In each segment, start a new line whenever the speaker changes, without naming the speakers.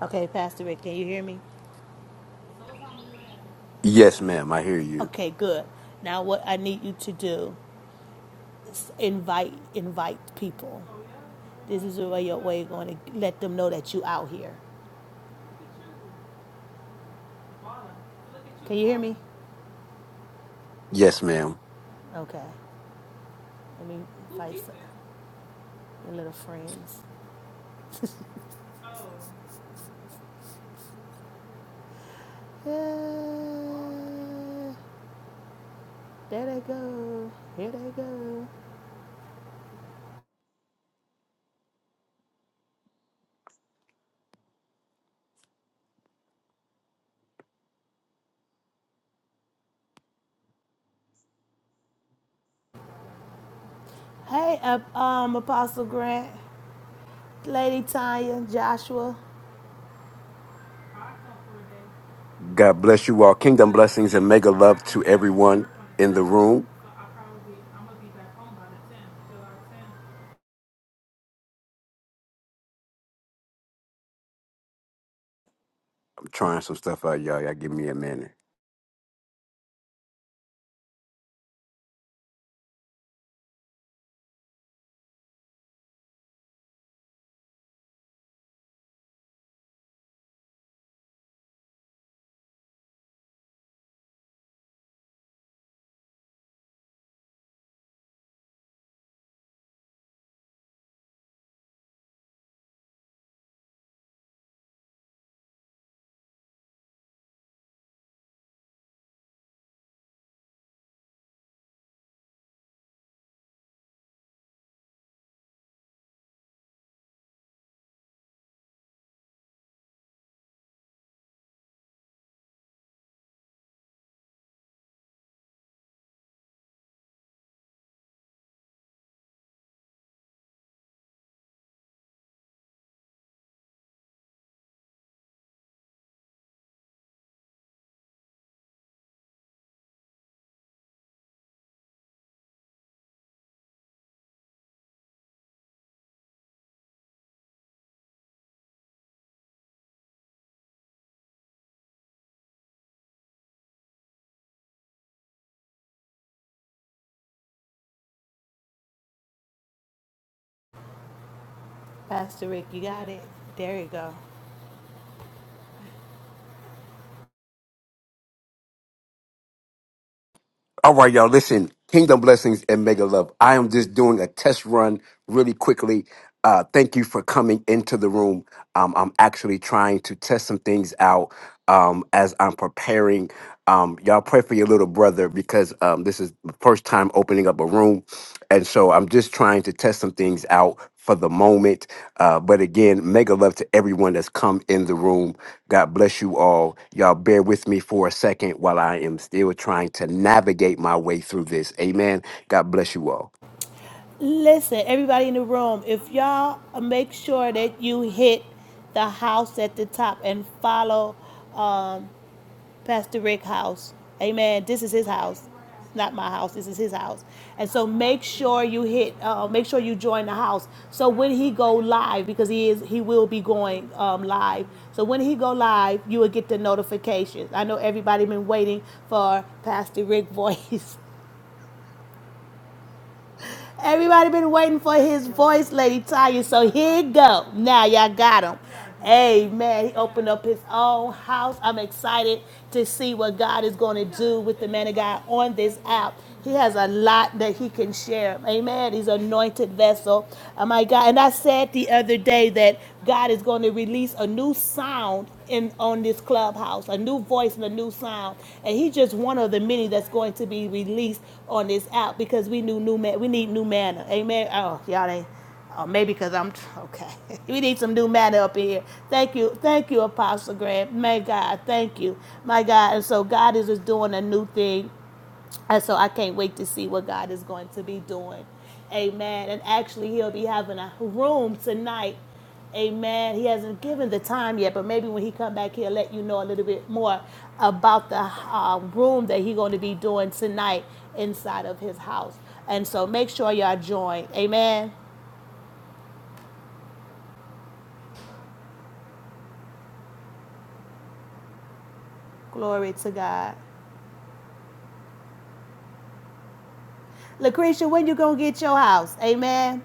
Okay, Pastor Rick, can you hear me?
Yes, ma'am. I hear you.
Okay, good. Now what I need you to do is invite invite people. This is the way your way you're going to let them know that you out here. Can you hear me?
Yes, ma'am.
Okay. Let me invite some your little friends. Yeah, there they go. Here they go. Hey, uh, um, Apostle Grant, Lady Tanya, Joshua,
God bless you all. Kingdom blessings and mega love to everyone in the room. I'm trying some stuff out, y'all. Y'all give me a minute.
Pastor Rick, you got it. There you go.
All right, y'all. Listen, kingdom blessings and mega love. I am just doing a test run really quickly. Uh, thank you for coming into the room. Um, I'm actually trying to test some things out um, as I'm preparing. Um, y'all pray for your little brother because um, this is the first time opening up a room. And so I'm just trying to test some things out for the moment. Uh, but again, mega love to everyone that's come in the room. God bless you all. Y'all bear with me for a second while I am still trying to navigate my way through this. Amen. God bless you all.
Listen, everybody in the room, if y'all make sure that you hit the house at the top and follow um, Pastor Rick House. Amen. This is his house, not my house. This is his house. And so make sure you hit, uh, make sure you join the house. So when he go live, because he is, he will be going um, live. So when he go live, you will get the notifications. I know everybody been waiting for Pastor Rick voice. Everybody been waiting for his voice, Lady Tanya. So here you go. Now y'all got him. Amen. He opened up his own house. I'm excited to see what God is going to do with the man of God on this app. He has a lot that he can share. Amen. He's an anointed vessel. Oh my God. And I said the other day that God is going to release anointing new sound in on this clubhouse, a new voice and a new sound. And he's just one of the many that's going to be released on this app because we knew new man. We need new manna. Amen. Oh, y'all ain't. Oh, maybe because I'm okay. we need some new manna up in here. Thank you, thank you, Apostle Grant. May God, thank you, my God. And so God is just doing a new thing and so I can't wait to see what God is going to be doing. Amen. And actually, he'll be having a room tonight. Amen. He hasn't given the time yet, but maybe when he come back, he'll let you know a little bit more about the uh, room that he's going to be doing tonight inside of his house. And so make sure y'all join. Amen. Glory to God. Lucretia, when you going to get your house? Amen.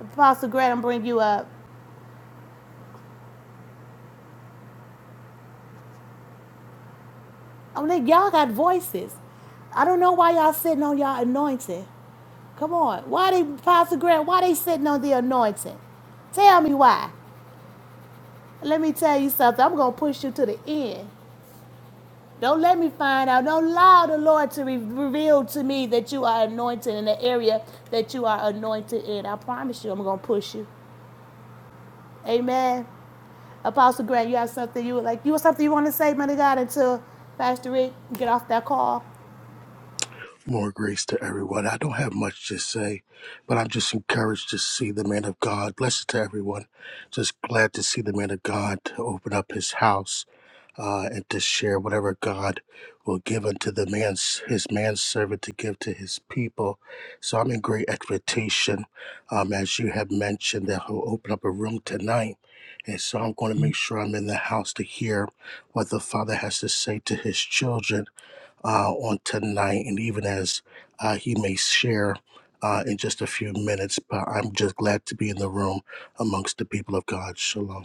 Apostle Grant I'm bring you up. I'm like, y'all got voices. I don't know why y'all sitting on y'all anointing. Come on. Why they, Pastor Grant, why they sitting on the anointing? Tell me why. Let me tell you something. I'm going to push you to the end. Don't let me find out. Don't allow the Lord to re- reveal to me that you are anointed in the area that you are anointed in. I promise you, I'm going to push you. Amen. Apostle Grant, you have something you would like, you have something you want to say, man of God, until Pastor Rick get off that call?
More grace to everyone. I don't have much to say, but I'm just encouraged to see the man of God. Blessed to everyone. Just glad to see the man of God to open up his house uh, and to share whatever God will give unto the man's his manservant to give to his people. So I'm in great expectation, um, as you have mentioned, that he'll open up a room tonight. And so I'm going to make sure I'm in the house to hear what the Father has to say to his children uh, on tonight, and even as uh, he may share uh, in just a few minutes. But I'm just glad to be in the room amongst the people of God. Shalom.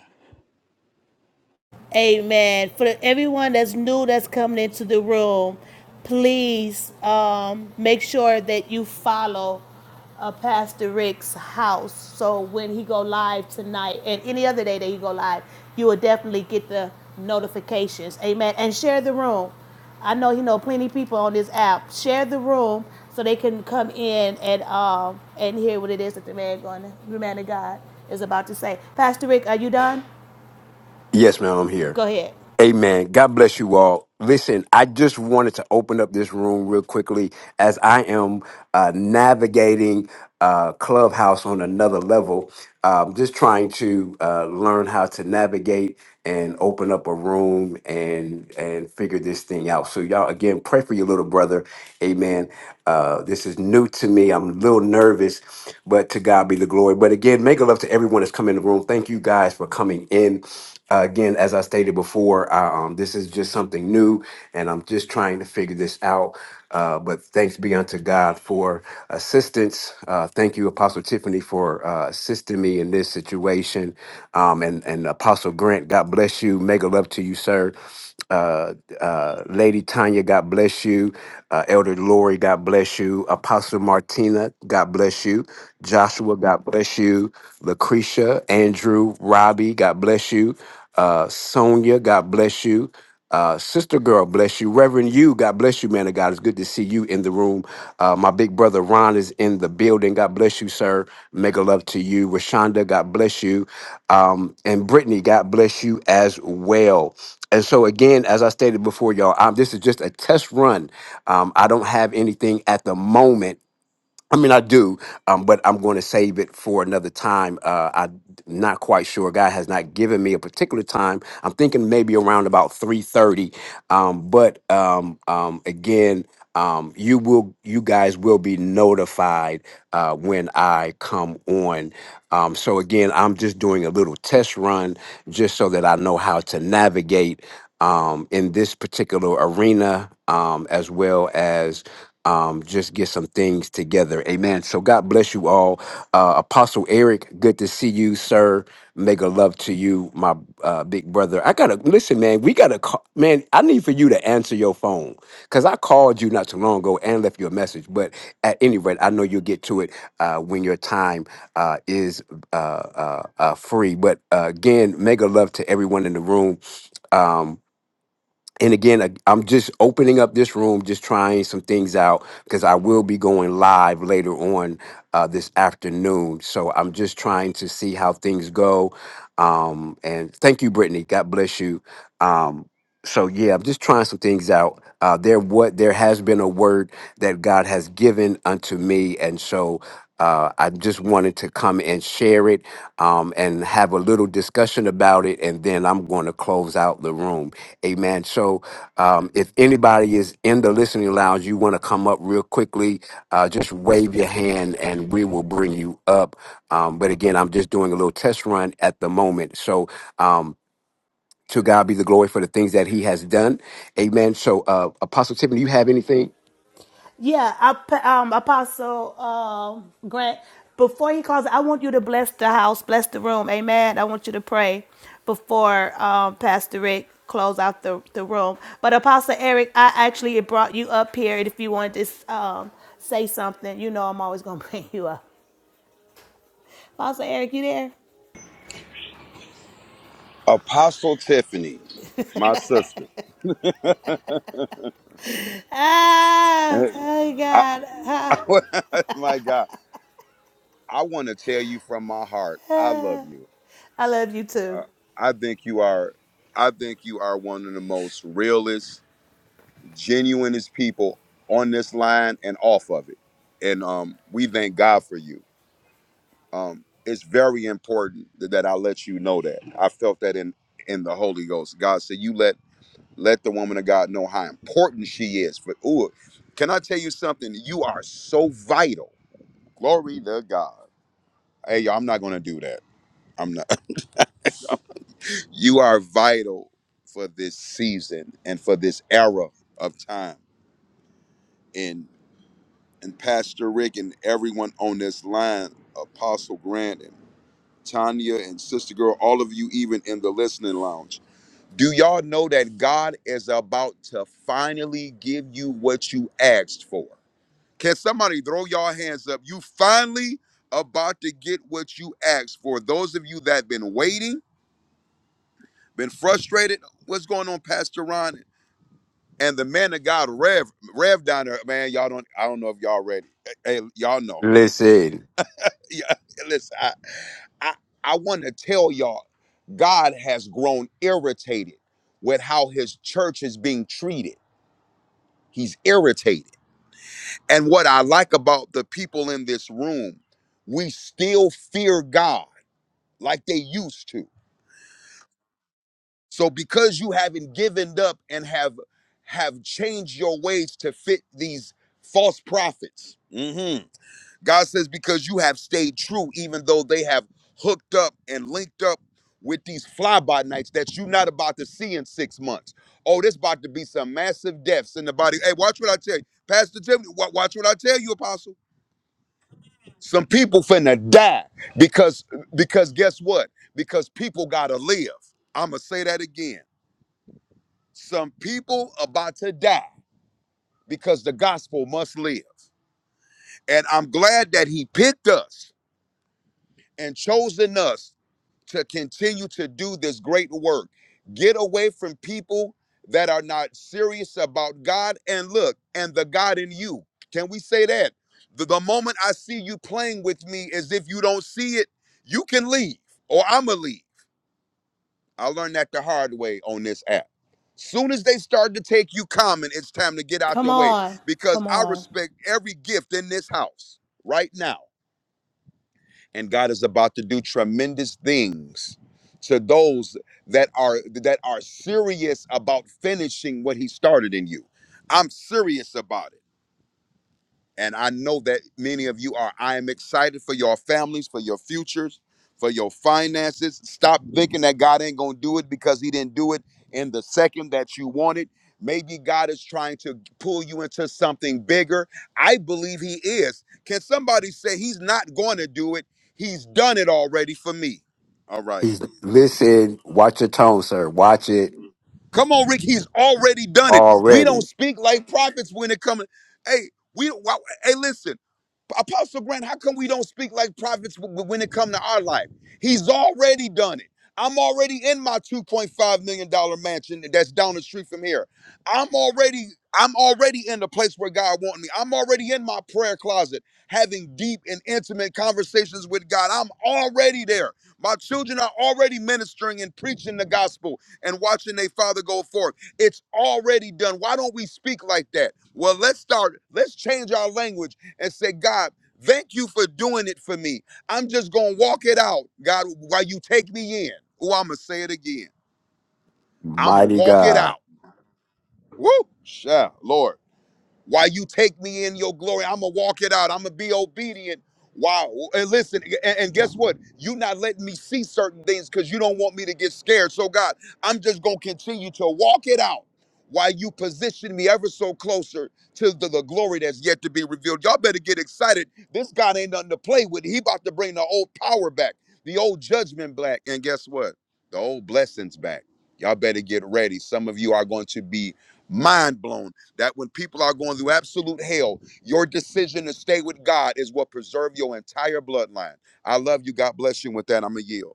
Amen. For everyone that's new that's coming into the room, please um, make sure that you follow uh, Pastor Rick's house. So when he go live tonight and any other day that he go live, you will definitely get the notifications. Amen. And share the room. I know you know plenty of people on this app. Share the room so they can come in and um and hear what it is that the man going, the man of God is about to say. Pastor Rick, are you done?
Yes, ma'am, I'm here.
Go ahead.
Amen. God bless you all. Listen, I just wanted to open up this room real quickly as I am uh, navigating uh, Clubhouse on another level. Um, just trying to uh, learn how to navigate and open up a room and and figure this thing out. So y'all, again, pray for your little brother. Amen. Uh, this is new to me. I'm a little nervous, but to God be the glory. But again, make a love to everyone that's come in the room. Thank you guys for coming in uh, again, as I stated before, I, um, this is just something new, and I'm just trying to figure this out. Uh, but thanks be unto God for assistance. Uh, thank you, Apostle Tiffany, for uh, assisting me in this situation. Um, and and Apostle Grant, God bless you. Mega love to you, sir uh, uh, Lady Tanya, God bless you. Uh, Elder Lori, God bless you. Apostle Martina, God bless you. Joshua, God bless you. Lucretia, Andrew, Robbie, God bless you. Uh, Sonia, God bless you. Uh, sister girl, bless you. Reverend you, God bless you, man of God. It's good to see you in the room. Uh, my big brother Ron is in the building. God bless you, sir. Mega love to you. Rashonda, God bless you. Um, and Brittany, God bless you as well. And so again, as I stated before, y'all, um, this is just a test run. Um, I don't have anything at the moment I mean, I do, um, but I'm going to save it for another time. Uh, I'm not quite sure. God has not given me a particular time. I'm thinking maybe around about three thirty. Um, but um, um, again, um, you will, you guys will be notified uh, when I come on. Um, so again, I'm just doing a little test run just so that I know how to navigate um, in this particular arena, um, as well as um, just get some things together. Amen. So God bless you all. Uh, Apostle Eric, good to see you, sir. Mega love to you, my uh, big brother. I gotta listen, man. We gotta call, man. I need for you to answer your phone because I called you not too long ago and left you a message. But at any rate, I know you'll get to it uh, when your time uh, is uh, uh, uh, free. But uh, again, mega love to everyone in the room. Um, and again I- i'm just opening up this room just trying some things out because i will be going live later on uh, this afternoon so i'm just trying to see how things go um, and thank you brittany god bless you um, so yeah i'm just trying some things out uh, there what there has been a word that god has given unto me and so uh, I just wanted to come and share it um, and have a little discussion about it, and then I'm going to close out the room. Amen. So, um, if anybody is in the listening lounge, you want to come up real quickly, uh, just wave your hand and we will bring you up. Um, but again, I'm just doing a little test run at the moment. So, um, to God be the glory for the things that He has done. Amen. So, uh, Apostle Tiffany, you have anything?
Yeah, I, um, Apostle um, Grant, before he calls, I want you to bless the house, bless the room. Amen. I want you to pray before um, Pastor Rick close out the, the room. But Apostle Eric, I actually brought you up here. And if you want to s- um, say something, you know I'm always going to bring you up. Apostle Eric, you there?
Apostle Tiffany, my sister.
Ah,
Eh,
oh
I,
God. Ah,
I- my God, I want to tell you from my heart, I love you.
I love you too.
Uh, I think you are, I think you are one of the most realest, genuinest people on this line and off of it. And um, we thank God for you. Um, it's very important that, that I let you know that. I felt that in in the Holy Ghost. God said, "You let." Let the woman of God know how important she is. But ooh, can I tell you something? You are so vital. Glory to God. Hey, y'all, I'm not gonna do that. I'm not. you are vital for this season and for this era of time. And and Pastor Rick and everyone on this line, Apostle Grant and Tanya and Sister Girl, all of you even in the listening lounge. Do y'all know that God is about to finally give you what you asked for? Can somebody throw y'all hands up? You finally about to get what you asked for. Those of you that been waiting, been frustrated. What's going on, Pastor Ron? And the man of God, Rev, Rev down there, man. Y'all don't. I don't know if y'all ready. Hey, hey, y'all know.
Listen,
Yeah, listen. I, I, I want to tell y'all, God has grown irritated with how His church is being treated. He's irritated. And what I like about the people in this room, we still fear God like they used to. So because you haven't given up and have have changed your ways to fit these false prophets, mhm, God says because you have stayed true, even though they have hooked up and linked up with these fly by nights that you're not about to see in six months. Oh, there's about to be some massive deaths in the body. Hey, watch what I tell you, Pastor Tim. wa- Watch what I tell you, Apostle. Some people finna die because because guess what? Because people gotta live. I'ma say that again. Some people about to die because the gospel must live. And I'm glad that he picked us and chosen us to continue to do this great work. Get away from people that are not serious about God and look, and the God in you. Can we say that? The, the moment I see you playing with me as if you don't see it, you can leave or I'm going to leave. I learned that the hard way on this app. Soon as they start to take you common, it's time to get out
Come
the way
on.
because
Come
I
on.
respect every gift in this house right now and God is about to do tremendous things to those that are that are serious about finishing what he started in you. I'm serious about it. And I know that many of you are. I am excited for your families, for your futures, for your finances. Stop thinking that God ain't going to do it because he didn't do it in the second that you wanted. Maybe God is trying to pull you into something bigger. I believe he is. Can somebody say he's not going to do it? He's done it already for me. All right.
he's listen. Watch your tone, sir. Watch it
Come on, Rick. He's already done it. We don't
already.
speak like prophets when it comes. Hey, we. why- Hey, listen, Apostle Grant. How come we don't speak like prophets w- w- when it comes to our life? He's already done it. I'm already in my 2.5 million dollar mansion that's down the street from here. I'm already. I'm already in the place where God wants me. I'm already in my prayer closet, having deep and intimate conversations with God. I'm already there. My children are already ministering and preaching the gospel and watching their father go forth. It's already done. Why don't we speak like that? Well, let's start, let's change our language and say, God, thank you for doing it for me. I'm just gonna walk it out, God, while you take me in. Oh, I'ma say it again. I'ma
Mighty
walk it
God.
out. Woo! Yeah, Lord. While you take me in your glory, I'm gonna walk it out. I'm gonna be obedient. Wow. And listen, and, and guess what? you not letting me see certain things because you don't want me to get scared. So, God, I'm just gonna continue to walk it out while you position me ever so closer to the, the glory that's yet to be revealed. Y'all better get excited. This God ain't nothing to play with. He about to bring the old power back, the old judgment back, and guess what? The old blessings back. Y'all better get ready. Some of you are going to be mind blown that when people are going through absolute hell, your decision to stay with God is what preserve your entire bloodline. I love you. God bless you. With that, I'm going to yield.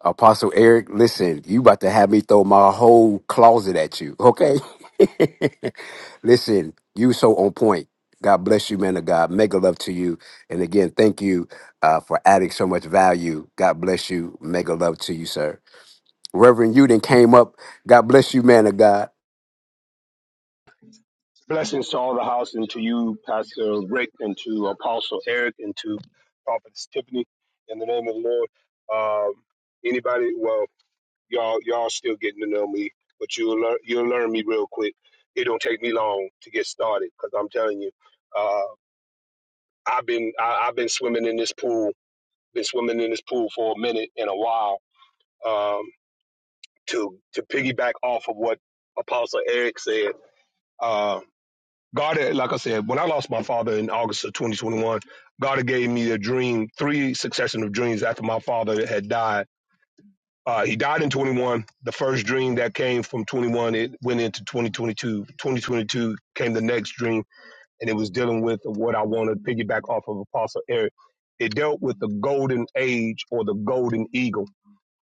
Apostle Eric, listen, you about to have me throw my whole closet at you, okay? listen, you so on point. God bless you, man of God. Mega love to you. And again, thank you uh, for adding so much value. God bless you. Mega love to you, sir. Reverend, you then came up. God bless you, man of God.
Blessings to all the house and to you, Pastor Rick, and to Apostle Eric, and to Prophetess Tiffany. In the name of the Lord, um, anybody, well, y'all, y'all still getting to know me, but you'll learn, you'll learn me real quick. It don't take me long to get started because I'm telling you, uh, I've been, I, I've been swimming in this pool, been swimming in this pool for a minute and a while. Um, to to piggyback off of what Apostle Eric said, uh, God, had- like I said, when I lost my father in August of 2021, God had gave me a dream, three succession of dreams after my father had died. Uh, he died in 21. The first dream that came from 21, it went into 2022. 2022 came the next dream, and it was dealing with what I want to piggyback off of Apostle Eric. It dealt with the golden age or the golden eagle.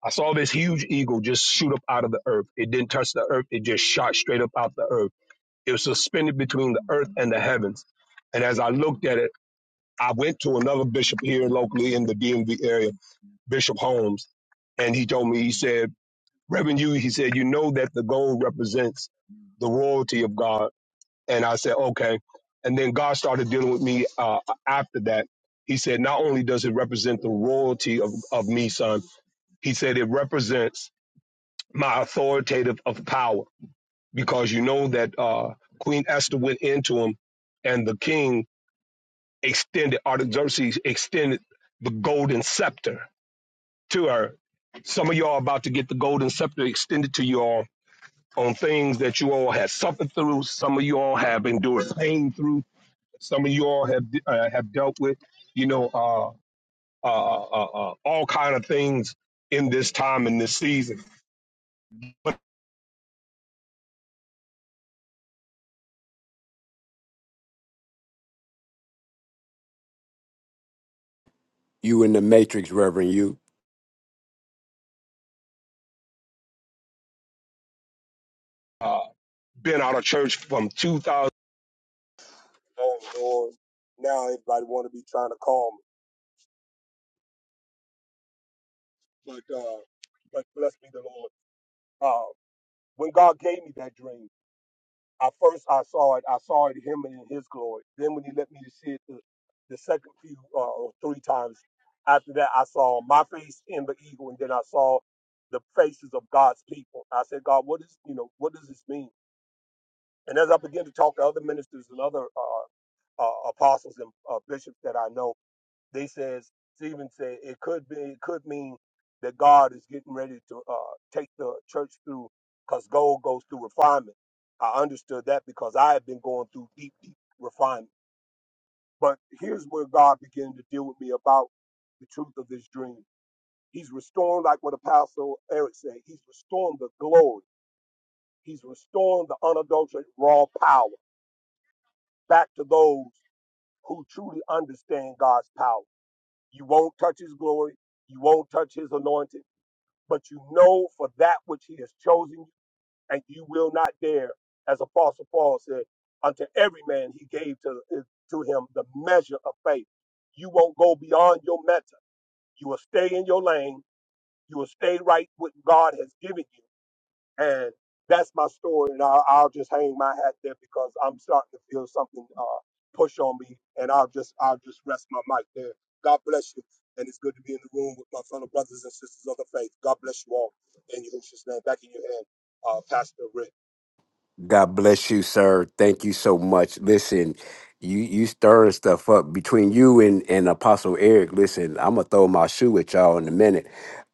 I saw this huge eagle just shoot up out of the earth. It didn't touch the earth. It just shot straight up out the earth it was suspended between the earth and the heavens. And as I looked at it, I went to another bishop here locally in the DMV area, Bishop Holmes, and he told me, he said, Reverend you, he said, you know that the gold represents the royalty of God. And I said, okay. And then God started dealing with me uh, after that. He said, not only does it represent the royalty of, of me, son, he said, it represents my authoritative of power because you know that uh, Queen Esther went into him, and the king extended Artaxerxes extended the golden scepter to her. Some of y'all about to get the golden scepter extended to you all on things that you all have suffered through. Some of you all have endured pain through. Some of you all have uh, have dealt with, you know, uh, uh, uh, uh, uh, all kind of things in this time in this season. But
You in the matrix, Reverend. You.
uh, been out of church from 2000.
God bless you, sir. Thank you so much. Listen, you you stirring stuff up between you and and Apostle Eric. Listen, I'm gonna throw my shoe at y'all in a minute.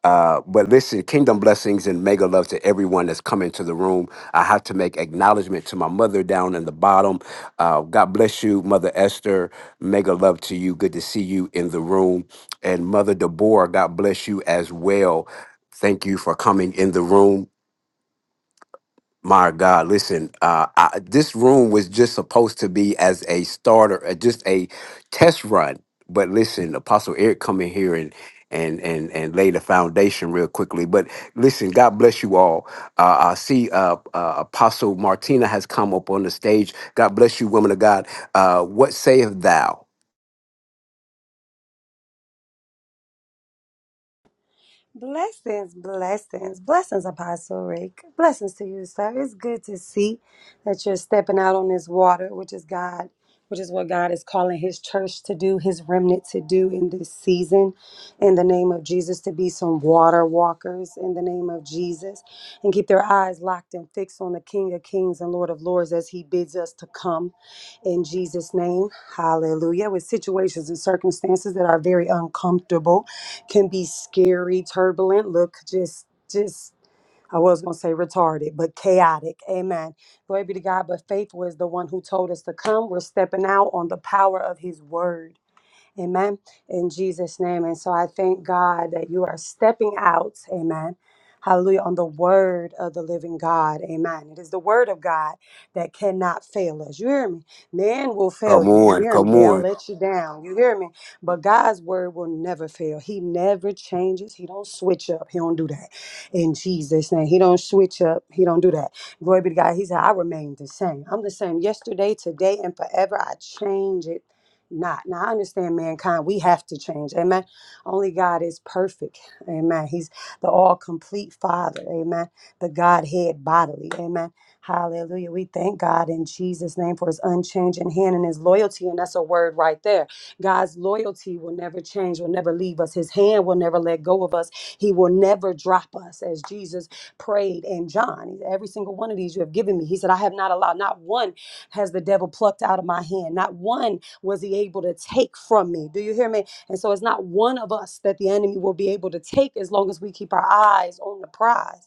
Uh, but listen, kingdom blessings and mega love to everyone that's come into the room. I have to make acknowledgement to my mother down in the bottom. Uh, God bless you, Mother Esther. Mega love to you. Good to see you in the room. And Mother Deborah, God bless you as well. Thank you for coming in the room. My God, listen, uh, I, this room was just supposed to be as a starter, uh, just a test run. But listen, Apostle Eric come in here and and and and lay the foundation real quickly. But listen, God bless you all. Uh, I see uh, uh, Apostle Martina has come up on the stage. God bless you, woman of God. Uh, what sayeth thou?
Blessings, blessings, blessings, Apostle Rick. Blessings to you, sir. It's good to see that you're stepping out on this water, which is God, which is what God is calling His church to do, His remnant to do in this season. In the name of Jesus, to be some water walkers in the name of Jesus and keep their eyes locked and fixed on the King of Kings and Lord of Lords as He bids us to come in Jesus' name. Hallelujah. With situations and circumstances that are very uncomfortable can be scary, turbulent. Look, just, just, I was going to say retarded, but chaotic. Amen. Glory be to God. But faithful is the one who told us to come. We're stepping out on the power of his word. Amen. In Jesus' name. And so I thank God that you are stepping out. Amen. Hallelujah. On the word of the living God. Amen. It is the word of God that cannot fail us. You hear me? Man will fail
Come
you. You
on,
hear me?
come
They'll
on,
let you down. You hear me? But God's word will never fail. He never changes. He don't switch up. He don't do that. In Jesus' name. He don't switch up. He don't do that. Glory be to God. He said, I remain the same. I'm the same yesterday, today, and forever. I change it not. Now I understand mankind, we have to change. Amen. Only God is perfect. Amen. He's the all complete Father. Amen. The Godhead bodily. Amen. Hallelujah. We thank God in Jesus' name for his unchanging hand and his loyalty. And that's a word right there. God's loyalty will never change, will never leave us. His hand will never let go of us. He will never drop us, as Jesus prayed in John. He said, Every single one of these you have given me. He said, I have not allowed, not one has the devil plucked out of my hand. Not one was he able to take from me? Do you hear me? And so it's not one of us that the enemy will be able to take as long as we keep our eyes on the prize.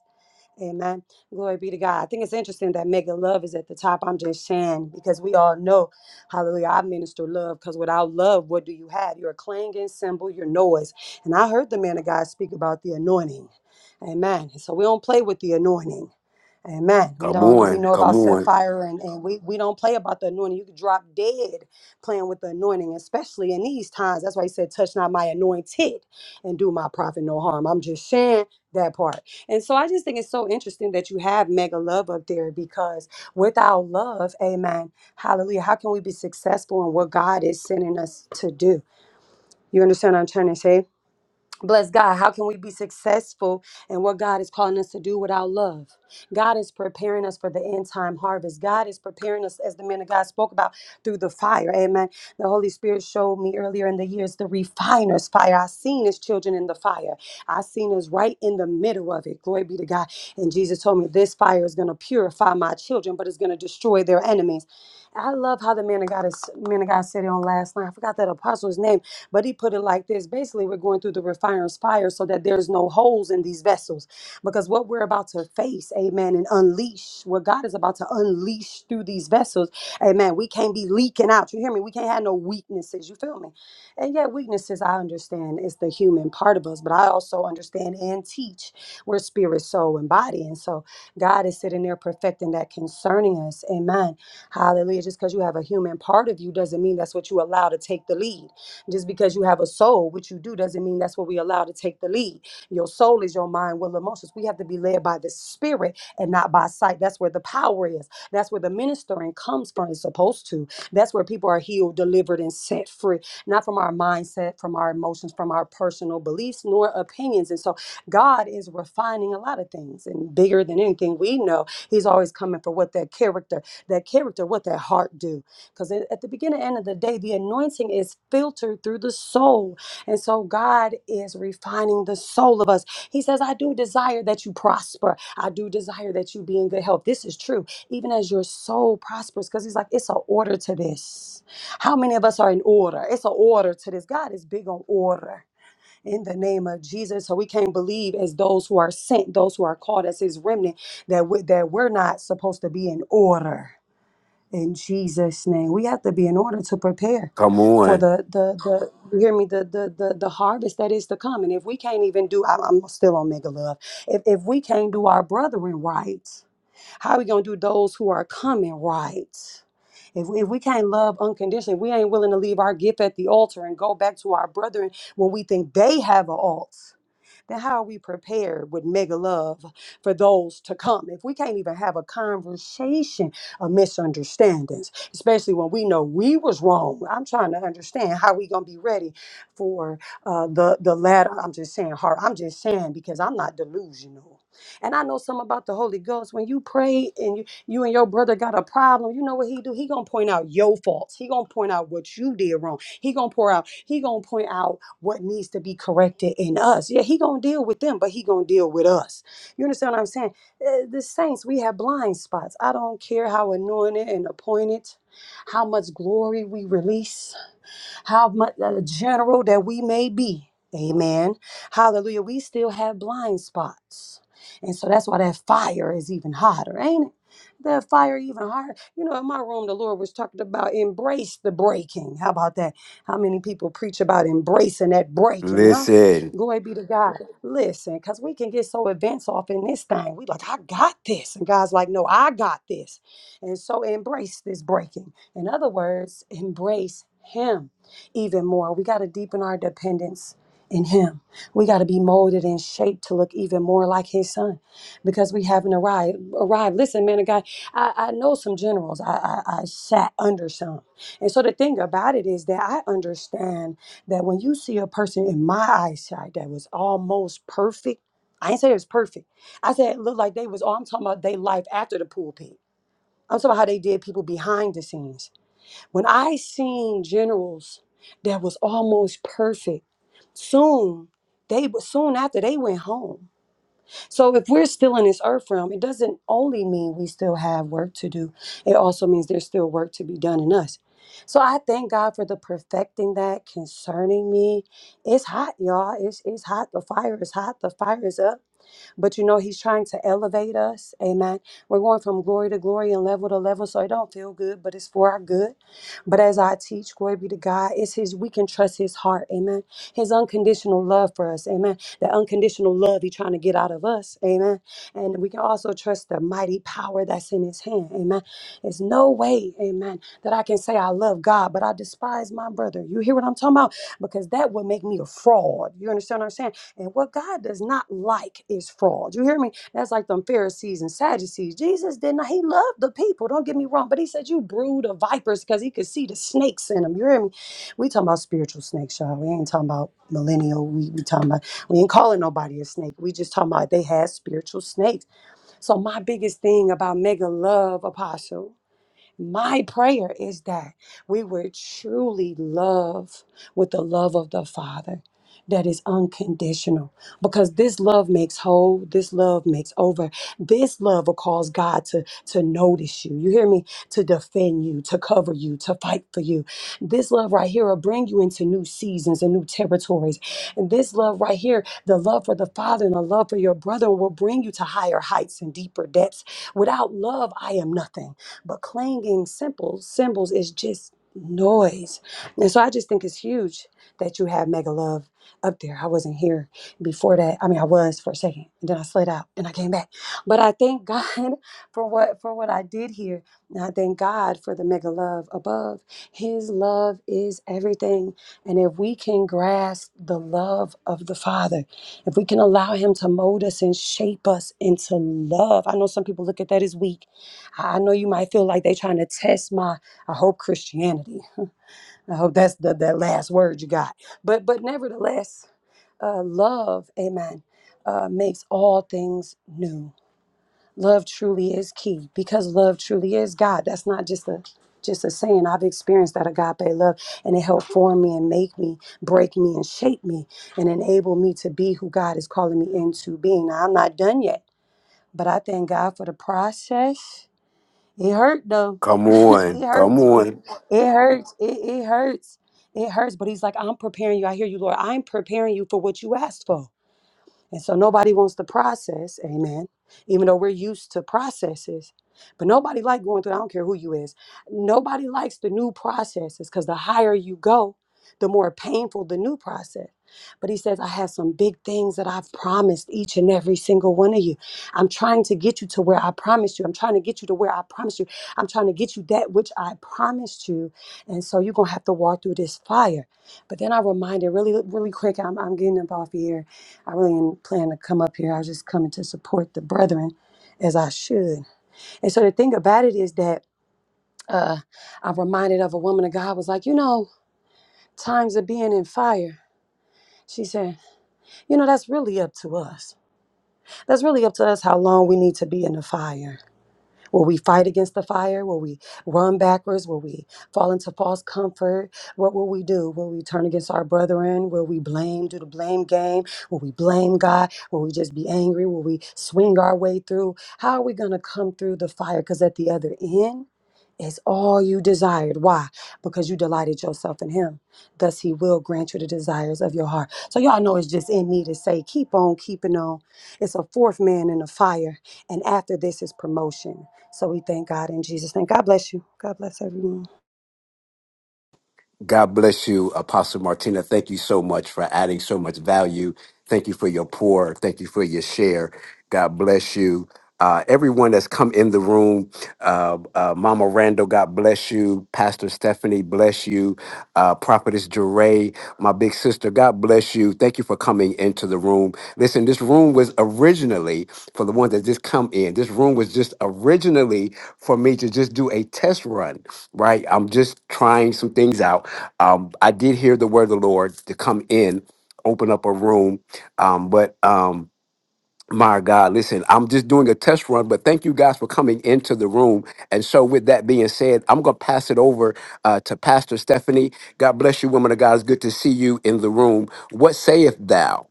Amen. Glory be to God. I think it's interesting that mega love is at the top. I'm just saying because we all know, hallelujah, I minister love because without love, what do you have? You're a clanging cymbal, your noise. And I heard the man of God speak about the anointing. Amen. So we don't play with the anointing. Amen. We
come
don't we
on,
know
come
about set
on,
fire and, and we, we don't play about the anointing. You could drop dead playing with the anointing, especially in these times. That's why he said, touch not my anointed and do my prophet no harm. I'm just sharing that part. And so I just think it's so interesting that you have mega love up there because without love, amen, hallelujah, how can we be successful in what God is sending us to do? You understand what I'm trying to say? Bless God. How can we be successful in what God is calling us to do without love? God is preparing us for the end time harvest. God is preparing us, as the man of God spoke about, through the fire. Amen. The Holy Spirit showed me earlier in the years the refiner's fire. I seen his children in the fire. I seen us right in the middle of it. Glory be to God. And Jesus told me this fire is going to purify my children, but it's going to destroy their enemies. I love how the man of God is man of God said it on last night. I forgot that apostle's name but he put it like this basically, we're going through the refiner's fire so that there's no holes in these vessels. Because what we're about to face, amen, and unleash, what God is about to unleash through these vessels, amen, we can't be leaking out. You hear me? We can't have no weaknesses. You feel me? And yet, weaknesses, I understand, is the human part of us, but I also understand and teach we're spirit, soul, and body. And so, God is sitting there perfecting that concerning us. Amen. Hallelujah. Just because you have a human part of you doesn't mean that's what you allow to take the lead. Just because you have a soul, which you do, doesn't mean that's what we allow to take the lead. Your soul is your mind, will, emotions. We have to be led by the spirit and not by sight. That's where the power is. That's where the ministering comes from. It's supposed to. That's where people are healed, delivered, and set free. Not from our mindset, from our emotions, from our personal beliefs, nor opinions. And so God is refining a lot of things. And bigger than anything we know, He's always coming for what that character, that character, what that heart do. Because at the beginning and end of the day, the anointing is filtered through the soul. And so God is refining the soul of us. He says, I do desire that you prosper. I do desire that you be in good health. This is true, even as your soul prospers, because He's like, it's an order to this. How many of us are in order? It's an order to this. God is big on order. In the name of Jesus, so we can't believe as those who are sent, those who are called as His remnant, that we, that we're not supposed to be in order in Jesus' name. We have to be in order to prepare
come
for
on.
the the the you hear me the the the, the harvest that is to come. And if we can't even do, I, I'm still on mega love. If if we can't do our brethren right, how are we gonna do those who are coming right? If if we can't love unconditionally, we ain't willing to leave our gift at the altar and go back to our brethren when we think they have a alt then how are we prepared with mega love for those to come? If we can't even have a conversation of misunderstandings, especially when we know we was wrong. I'm trying to understand how we gonna be ready for uh, the the latter. I'm just saying heart. I'm just saying because I'm not delusional. And I know something about the Holy Ghost. When you pray and you, you and your brother got a problem, you know what he do? He gonna point out your faults. He gonna point out what you did wrong he gonna pour out. He gonna point out what needs to be corrected in us. Yeah, he gonna deal with them, but he gonna deal with us. You understand what I'm saying? Uh, The saints, we have blind spots. I don't care how anointed and appointed, how much glory we release how much uh, general that we may be. Amen. Hallelujah. We still have blind spots. And so that's why that fire is even hotter, ain't it? That fire even hotter. You know, in my room, the Lord was talking about embrace the breaking. How about that? How many people preach about embracing that breaking, huh?
Listen,
Glory be to God. Listen, because we can get so advanced off in this thing. We like, I got this. And God's like, no, I got this. And so embrace this breaking. In other words, embrace Him even more. We got to deepen our dependence in Him. We got to be molded and shaped to look even more like His Son, because we haven't arrived. Arrived. Listen, man, of God, I, I know some generals. I, I I sat under some, and so the thing about it is that I understand that when you see a person in my eyesight that was almost perfect. I ain't say it was perfect. I said it looked like they was all I'm talking about they life after the pulpit. I'm talking about how they did people behind the scenes. When I seen generals that was almost perfect, soon they soon after they went home. So if we're still in this earth realm, it doesn't only mean we still have work to do. It also means there's still work to be done in us. So I thank God for the perfecting that concerning me. It's hot, y'all. It's it's hot. The fire is hot. The fire is up. But you know, He's trying to elevate us. Amen. We're going from glory to glory and level to level. So it don't feel good, but it's for our good. But as I teach, glory be to God, it's His, we can trust His heart. Amen. His unconditional love for us. Amen. The unconditional love He's trying to get out of us. Amen. And we can also trust the mighty power that's in His hand. Amen. There's no way, amen, that I can say I love God, but I despise my brother. You hear what I'm talking about? Because that would make me a fraud. You understand what I'm saying? And what God does not like is fraud. You hear me? That's like them Pharisees and Sadducees. Jesus did not, he loved the people. Don't get me wrong. But he said, You brood of vipers, because he could see the snakes in them. You hear me? We talking about spiritual snakes, y'all. We ain't talking about millennial. We, we talking about, we ain't calling nobody a snake. We just talking about they had spiritual snakes. So my biggest thing about mega love, apostle. My prayer is that we would truly love with the love of the Father that is unconditional because this love makes whole this love makes over this love will cause god to to notice you you hear me to defend you to cover you to fight for you this love right here will bring you into new seasons and new territories and this love right here the love for the father and the love for your brother will bring you to higher heights and deeper depths without love i am nothing but clanging symbols, symbols is just noise. And so I just think it's huge that you have Mega Love up there. I wasn't here before that. I mean, I was for a second, and then I slid out and I came back. But I thank God for what for what I did here. And I thank God for the Mega Love above. His love is everything. And if we can grasp the love of the Father, if we can allow him to mold us and shape us into love. I know some people look at that as weak. I know you might feel like they are trying to test my I hope Christianity. I hope that's the that last word you got. But but nevertheless, uh, love, amen, uh, makes all things new. Love truly is key because love truly is God. That's not just a just a saying. I've experienced that agape love and it helped form me and make me, break me and shape me and enable me to be who God is calling me into being. Now I'm not done yet, but I thank God for the process it hurt though.
come on,
it
come
hurts. for-
on.
It hurts. It, it hurts. It hurts. But he's like, I'm preparing you. I hear you, Lord. I'm preparing you for what you asked for. And so nobody wants the process, amen. Even though we're used to processes, but nobody like going through. I don't care who you is. Nobody likes the new processes because the higher you go, the more painful the new process. But he says, I have some big things that I've promised each and every single one of you. I'm trying to get you to where I promised you. I'm trying to get you to where I promised you. I'm trying to get you that which I promised you. And so you're going to have to walk through this fire. But then I reminded really, really quick, I'm, I'm getting up off here I really didn't plan to come up here. I was just coming to support the brethren as I should. And so the thing about it is that uh, I'm reminded of a woman of God was like, you know, times of being in fire. She said, you know, that's really up to us. That's really up to us how long we need to be in the fire. Will we fight against the fire? Will we run backwards? Will we fall into false comfort? What will we do? Will we turn against our brethren? Will we blame, do the blame game? Will we blame God? Will we just be angry? Will we swing our way through? How are we going to come through the fire? Because at the other end, is all you desired. Why? Because you delighted yourself in Him. Thus, He will grant you the desires of your heart. So, y'all know it's just in me to say, keep on keeping on. It's a fourth man in the fire. And after this is promotion. So we thank God in Jesus' name. God bless you. God bless everyone.
God bless you, Apostle Martina. Thank you so much for adding so much value. Thank you for your pour. Thank you for your share. God bless you. Uh, everyone that's come in the room, uh, uh, Mama Randall, God bless you. Pastor Stephanie, bless you. Uh, Prophetess Jeray, my big sister, God bless you. Thank you for coming into the room. Listen, this room was originally, for the ones that just come in, this room was just originally for me to just do a test run right? I'm just trying some things out. Um, I did hear the word of the Lord to come in, open up a room. Um, but um, my God, listen, I'm just doing a test run, but thank you guys for coming into the room. And so, with that being said, I'm going to pass it over uh, to Pastor Stephanie. God bless you, woman of God. It's good to see you in the room. What sayeth thou?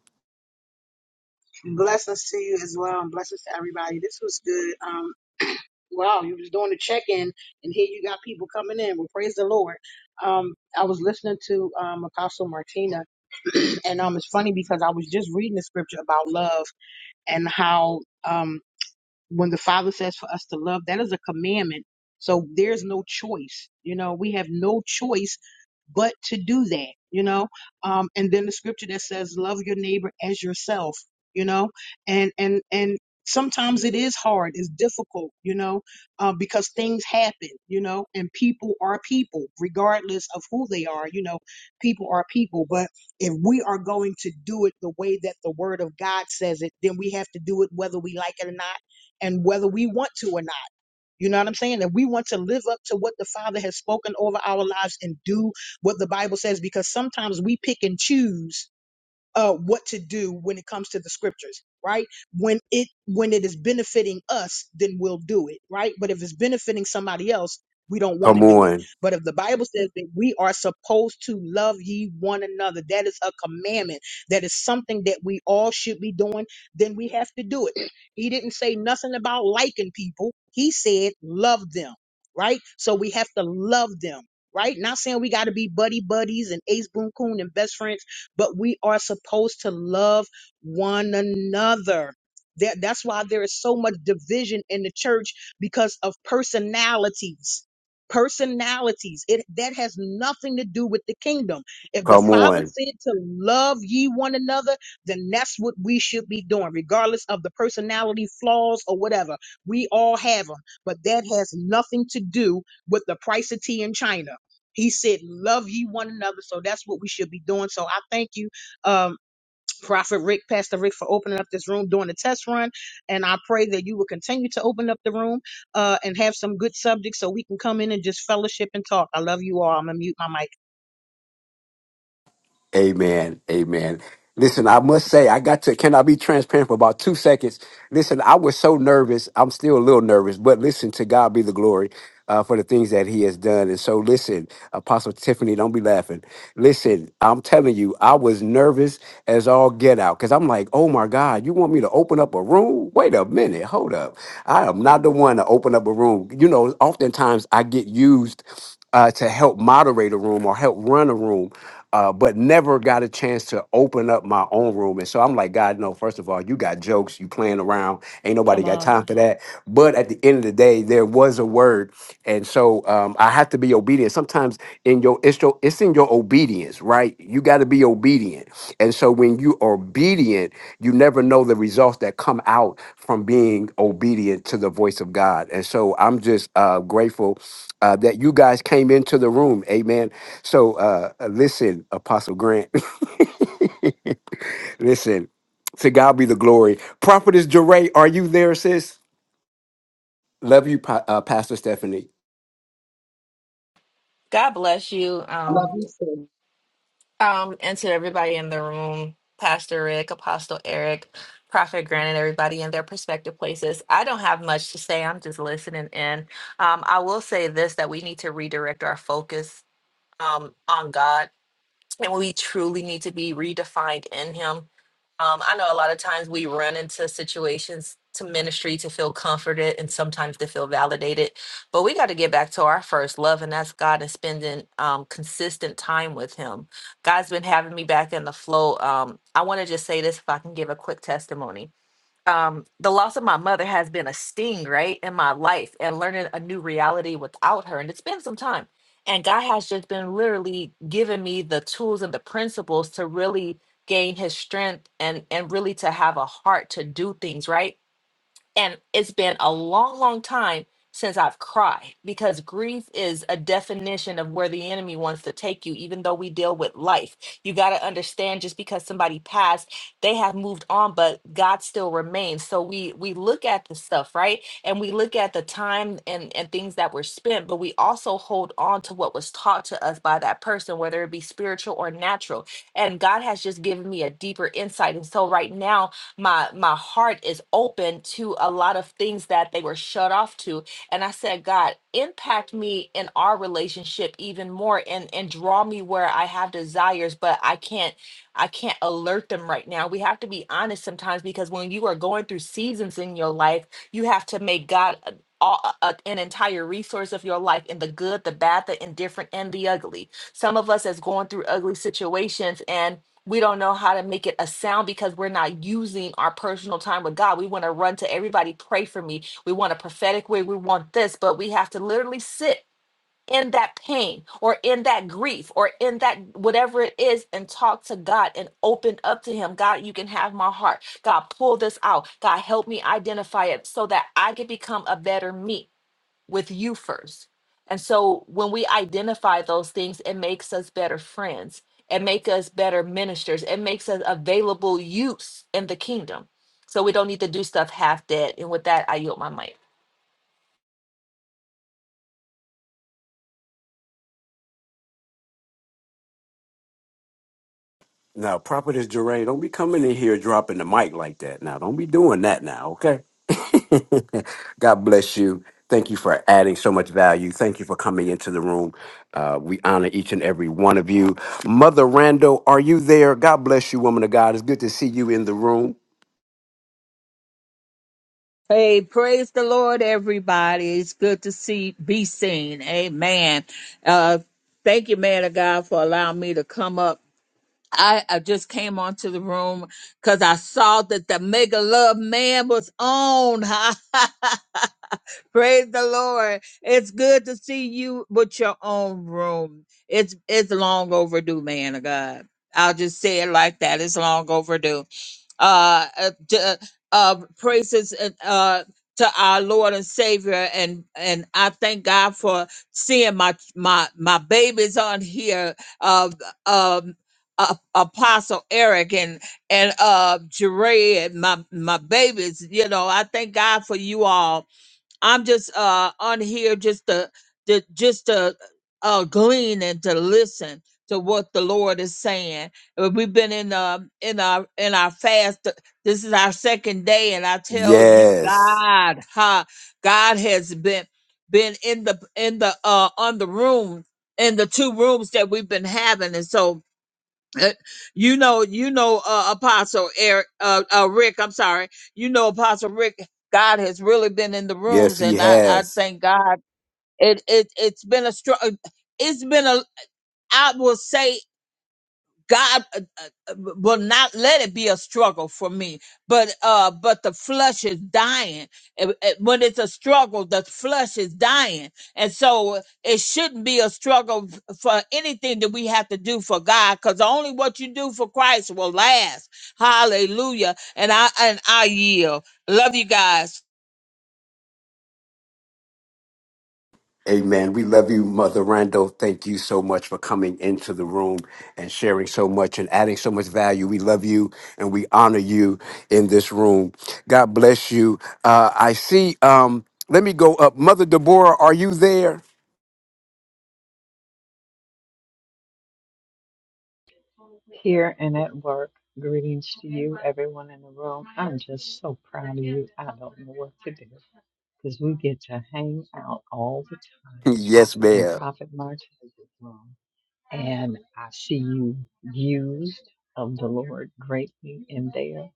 Blessings to you as well, and blessings to everybody. This was good. Um, wow, you was doing the check-in, and here you got people coming in. Well, praise the Lord. Um, I was listening to um, Apostle Martina, and um, it's funny because I was just reading the scripture about love and how um, when the Father says for us to love, that is a commandment. So there's no choice. You know, we have no choice but to do that, you know. Um, and then the scripture that says, love your neighbor as yourself, you know, and, and, and, Sometimes it is hard, it's difficult, you know, uh, because things happen, you know, and people are people, regardless of who they are, you know, people are people. But if we are going to do it the way that the Word of God says it, then we have to do it whether we like it or not and whether we want to or not. You know what I'm saying? And we want to live up to what the Father has spoken over our lives and do what the Bible says because sometimes we pick and choose uh, what to do when it comes to the scriptures, right? When it when it is benefiting us, then we'll do it, right? But if it's benefiting somebody else, we don't want to
Come
do it.
on.
But if the Bible says that we are supposed to love ye one another, that is a commandment. That is something that we all should be doing. Then we have to do it. He didn't say nothing about liking people. He said love them, right? So we have to love them, right? Not saying we got to be buddy buddies and ace boon coon and best friends but we are supposed to love one another. That, that's why there is so much division in the church because of personalities. Personalities. It that has nothing to do with the kingdom. If the
Come
Father
on.
said to love ye one another, then that's what we should be doing, regardless of the personality flaws or whatever. We all have them, but that has nothing to do with the price of tea in China. He said, Love ye one another. So that's what we should be doing. So I thank you, um, Prophet Rick, Pastor Rick, for opening up this room, during the test run. And I pray that you will continue to open up the room uh, and have some good subjects so we can come in and just fellowship and talk. I love you all. I'm going to mute my mic.
Amen. Amen. Listen, I must say, I got to, can I be transparent for about two seconds? Listen, I was so nervous. I'm still a little nervous, but listen, to God be the glory uh, for the things that He has done. And so, listen, Apostle Tiffany, don't be laughing. Listen, I'm telling you, I was nervous as all get out because I'm like, oh my God, you want me to open up a room? Wait a minute, hold up. I am not the one to open up a room. You know, oftentimes I get used uh, to help moderate a room or help run a room uh, but never got a chance to open up my own room. And so I'm like, God, no, first of all, you got jokes, you playing around, ain't nobody
Come
got
on.
time for that. But at the end of the day, there was a word. And so um, I have to be obedient. Sometimes in your it's, your, it's in your obedience, right? You got to be obedient. And so when you are obedient, you never know the results that come out from being obedient to the voice of God. And so I'm just uh, grateful uh, that you guys came into the room. Amen. So uh, uh, listen, Apostle Grant. listen, to God be the glory. Prophetess Jeray, are you there, sis? Love you, Pa- uh, Pastor Stephanie.
God bless you.
Love you.
Um, um, and to everybody in the room, Pastor Rick, Apostle Eric, Prophet Grant, and everybody in their prospective places. I don't have much to say. I'm just listening in. Um, I will say this that we need to redirect our focus um on God and we truly need to be redefined in him um, i know a lot of times we run into situations to ministry to feel comforted and sometimes to feel validated but we got to get back to our first love and that's god and spending um, consistent time with him god's been having me back in the flow um, i want to just say this if i can give a quick testimony um the loss of my mother has been a sting right in my life and learning a new reality without her and it's been some time and god has just been literally giving me the tools and the principles to really gain his strength and and really to have a heart to do things right and it's been a long long time since i've cried because grief is a definition of where the enemy wants to take you even though we deal with life you got to understand just because somebody passed they have moved on but god still remains so we we look at the stuff right and we look at the time and and things that were spent but we also hold on to what was taught to us by that person whether it be spiritual or natural and god has just given me a deeper insight and so right now my my heart is open to a lot of things that they were shut off to and i said god impact me in our relationship even more and and draw me where i have desires but i can't i can't alert them right now we have to be honest sometimes because when you are going through seasons in your life you have to make god a- all, a- an entire resource of your life in the good the bad the indifferent and the ugly some of us is going through ugly situations and we don't know how to make it a sound because we're not using our personal time with God. We want to run to everybody, pray for me. We want a prophetic way. We want this, but we have to literally sit in that pain or in that grief or in that whatever it is and talk to God and open up to Him. God, you can have my heart. God, pull this out. God, help me identify it so that I can become a better me with you first. And so when we identify those things, it makes us better friends. It makes us better ministers. It makes us available use in the kingdom. So we don't need to do stuff half dead. And with that, I yield my mic.
Now, Prophetess Jeray, don't be coming in here dropping the mic like that. Now, don't be doing that now, okay? God bless you. Thank you for adding so much value. Thank you for coming into the room. Uh, we honor each and every one of you. Mother Randall, are you there? God bless you, woman of God. It's good to see you in the room.
Hey, praise the Lord, everybody. It's good to see, be seen. Amen. Uh, thank you, man of God, for allowing me to come up. I, I just came onto the room because I saw that the mega love man was on. Praise the Lord. It's good to see you with your own room. It's it's long overdue, man of God. I'll just say it like that. It's long overdue uh, uh, d- uh, uh, praises and, uh, to our Lord and Savior, and and I thank God for seeing my my my babies on here, uh, um, uh, Apostle Eric and and uh, Jeray and my my babies. You know, I thank God for you all I'm just uh on here just to, to just to uh glean and to listen to what the Lord is saying. Uh, We've been in uh in our in our fast. uh, This is our second day, and I tell you,
Yes.
God, ha, God has been been in the in the uh on the room in the two rooms that we've been having, and so uh, you know, you know, uh, Apostle Eric, uh, uh, Rick. I'm sorry. You know, Apostle Rick. God has really been in the
Yes,
rooms,
he
and I, I
has.
thank God. It, it, it's been a strong. It's been a. I will say. God uh, uh, uh, will not let it be a struggle for me. But uh, but the flesh is dying. It- it- when it's a struggle, the flesh is dying, and so it shouldn't be a struggle f- for anything that we have to do for God, because only what you do for Christ will last. Hallelujah! And I and I yield. Love you guys.
Amen. We love you, Mother Randall. Thank you so much for coming into the room and sharing so much and adding so much value. We love you and we honor you in this room. God bless you. Uh, I see. Um, let me go up. Mother Deborah, are you there?
here and at work. Greetings to you, everyone in the room. I'm just so proud of you. I don't know what to do because we get to hang out all the time
yes,
in
ma'am.
Prophet Martez's room. And I see you used of the Lord greatly in there.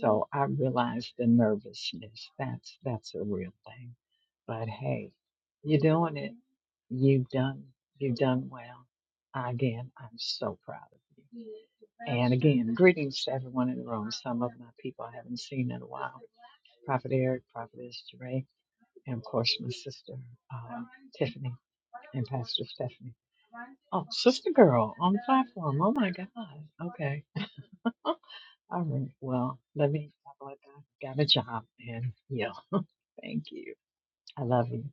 So I realize the nervousness. That's that's a real thing. But hey. You're doing it. You've done you've done well. Again, I'm so proud of you. And again, greetings to everyone in the room. Some of my people I haven't seen in a while. Prophet Eric, Prophetess Jeray, and of course my sister um, Tiffany and Pastor Stephanie. Oh, sister girl on the platform. Oh my God. Okay. All right. Well, let me. I got a job and yeah, thank you. I love you.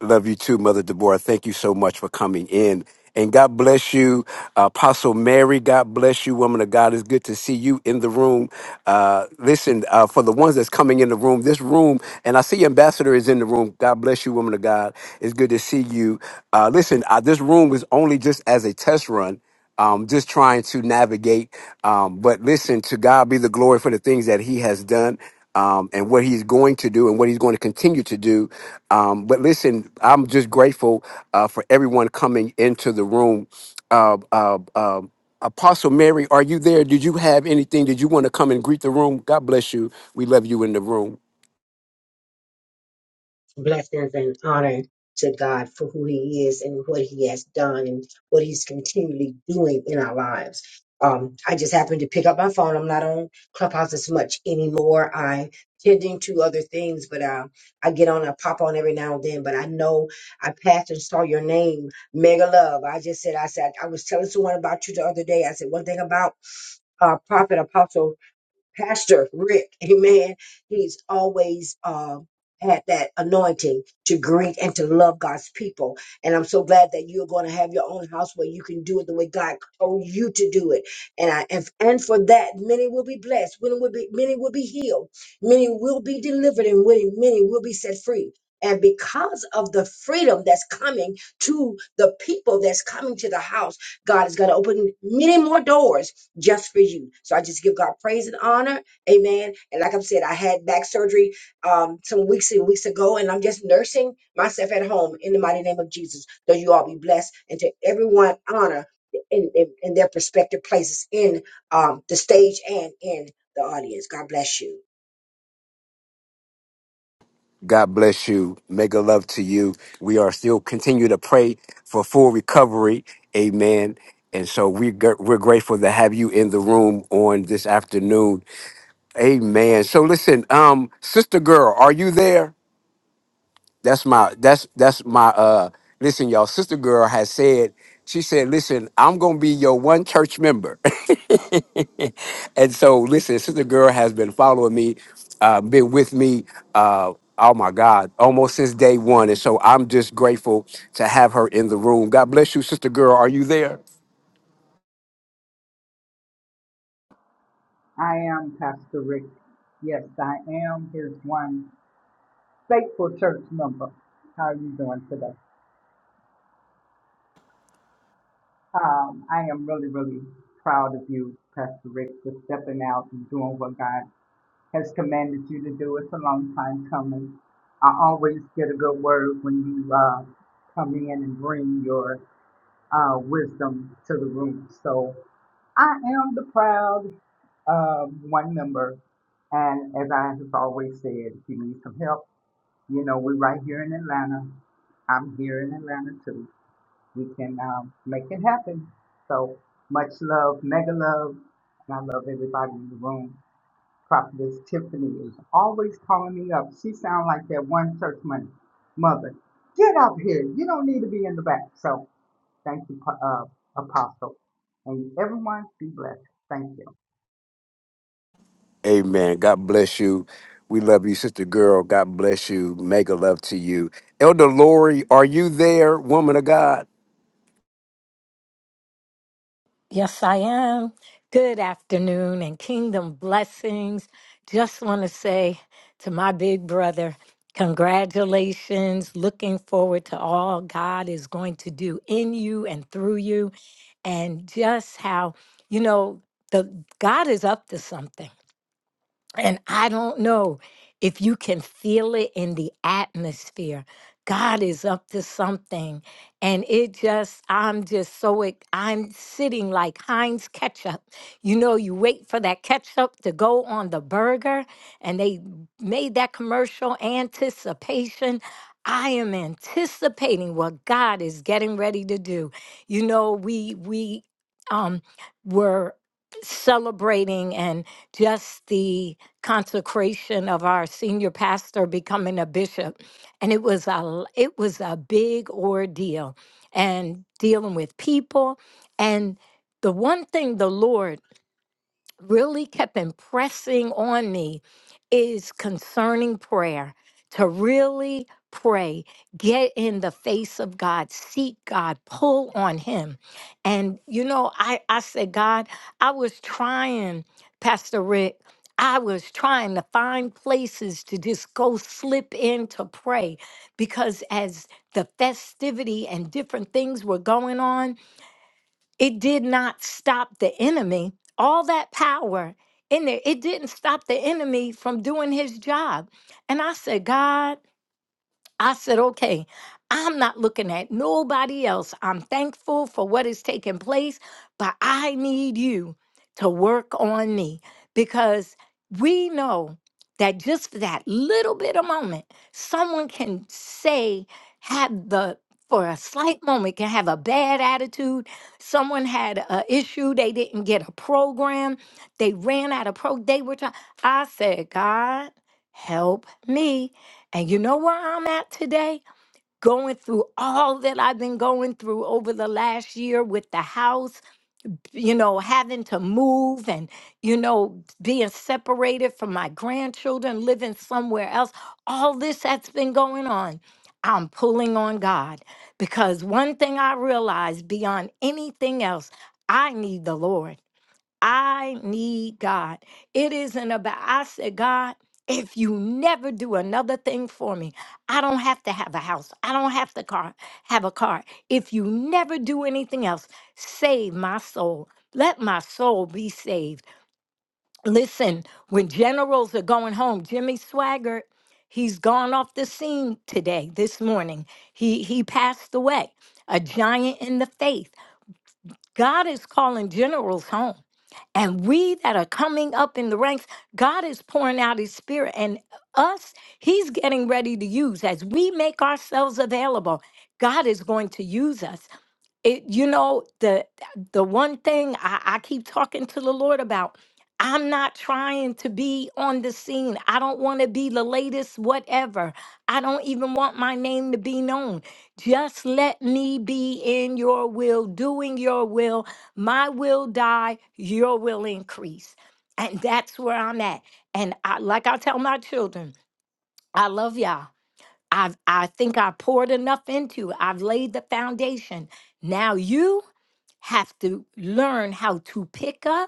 Love you too, Mother Deborah. Thank you so much for coming in. And God bless you, Apostle Mary. God bless you, woman of God. It's good to see you in the room. Uh, listen, uh, for the ones that's coming in the room, this room, and I see Ambassador is in the room. God bless you, woman of God. It's good to see you. Uh, listen, uh, this room was only just as a test run um, just trying to navigate. Um, but listen, to God be the glory for the things that He has done. Um, and what he's going to do and what he's going to continue to do. Um, but listen, I'm just grateful uh, for everyone coming into the room. Uh, uh, uh, Apostle Mary, are you there? Did you have anything? Did you want to come and greet the room? God bless you. We love you in the room.
blessings and honor to God for who He is and what He has done and what He's continually doing in our lives. Um, I just happened to pick up my phone. I'm not on Clubhouse as much anymore. I tending to other things, but uh, I get on. I pop on every now and then. But I know I passed and saw your name, Mega Love. I just said, I said, I was telling someone about you the other day. I said one thing about uh, Prophet Apostle Pastor Rick, amen. He's always uh, had that anointing to greet and to love God's people. And I'm so glad that you're going to have your own house where you can do it the way God told you to do it. And I and, and for that, many will be blessed. Many will be, many will be healed. Many will be delivered and many, many will be set free. And because of the freedom that's coming to the people that's coming to the house, God is going to open many more doors just for you. So I just give God praise and honor. Amen. And like I've said, I had back surgery um, some weeks and weeks ago, and I'm just nursing myself at home in the mighty name of Jesus. Though you all be blessed and to everyone honor in, in, in their prospective places in um, the stage and in the audience. God bless you.
God bless you. Mega love to you. We are still continue to pray for full recovery. Amen. And so we gr- we're grateful to have you in the room on this afternoon. Amen. So listen, um, sister girl, are you there? That's my that's that's my uh listen, y'all sister girl has said, she said, listen, I'm gonna be your one church member. and so listen, sister girl has been following me, uh, been with me uh oh my God, almost since day one. And so I'm just grateful to have her in the room. God bless you, sister girl. Are you there?
I am Pastor Rick. Yes, I am Here's one faithful church member. How are you doing today? Um, I am really, really proud of you, Pastor Rick, for stepping out and doing what God has commanded you to do. It's a long time coming. I always get a good word when you uh, come in and bring your uh, wisdom to the room. So I am the proud uh, one member, and as I have always said, if you need some help, You know, we're right here in Atlanta. I'm here in Atlanta too. We can um, make it happen. So much love, mega love, and I love everybody in the room. Prophetess Tiffany is always calling me up. She sounds like that one church money mother. Get up here. You don't need to be in the back. So thank you, Pa- uh, Apostle, and everyone be blessed. Thank you.
Amen. God bless you. We love you, sister girl. God bless you. Mega love to you. Elder Lori, are you there, woman of God?
Yes, I am. Good afternoon and kingdom blessings. Just want to say to my big brother, congratulations. Looking forward to all God is going to do in you and through you, and just how, you know, the God is up to something. And I don't know if you can feel it in the atmosphere. God is up to something. And it just, I'm just so, ex- I'm sitting like Heinz ketchup. You know, you wait for that ketchup to go on the burger, and they made that commercial anticipation. I am anticipating what God is getting ready to do. You know, we, we, um, were celebrating and just the, consecration of our senior pastor becoming a bishop and it was a it was a big ordeal and dealing with people and the one thing the lord really kept impressing on me is concerning prayer to really pray get in the face of god seek god pull on him and you know i i said god i was trying pastor rick i was trying to find places to just go slip in to pray because as the festivity and different things were going on it did not stop the enemy. All that power in there, it didn't stop the enemy from doing his job. And I said, God, I said, okay, I'm not looking at nobody else. I'm thankful for what is taking place, but I need you to work on me because we know that just for that little bit of moment, someone can say, have the for a slight moment can have a bad attitude someone had an issue they didn't get a program they ran out of pro they were trying i said god help me and you know where I'm at today? Going through all that I've been going through over the last year with the house, you know, having to move and, you know, being separated from my grandchildren, living somewhere else. All this that's been going on. I'm pulling on God because one thing I realized beyond anything else, I need the Lord. I need God. It isn't about, I said, God, if you never do another thing for me, I don't have to have a house. I don't have to car, have a car. If you never do anything else, save my soul. Let my soul be saved. Listen, when generals are going home, Jimmy Swaggart, he's gone off the scene today, this morning. He he passed away, a giant in the faith. God is calling generals home. And we that are coming up in the ranks, God is pouring out his spirit, and us, he's getting ready to use. As we make ourselves available, God is going to use us it you know the the one thing I, I keep talking to the lord about i'm not trying to be on the scene i don't want to be the latest whatever i don't even want my name to be known just let me be in your will doing your will my will die your will increase and that's where i'm at and i like i tell my children i love y'all I've, I think I poured enough into. you. I've laid the foundation. Now you have to learn how to pick up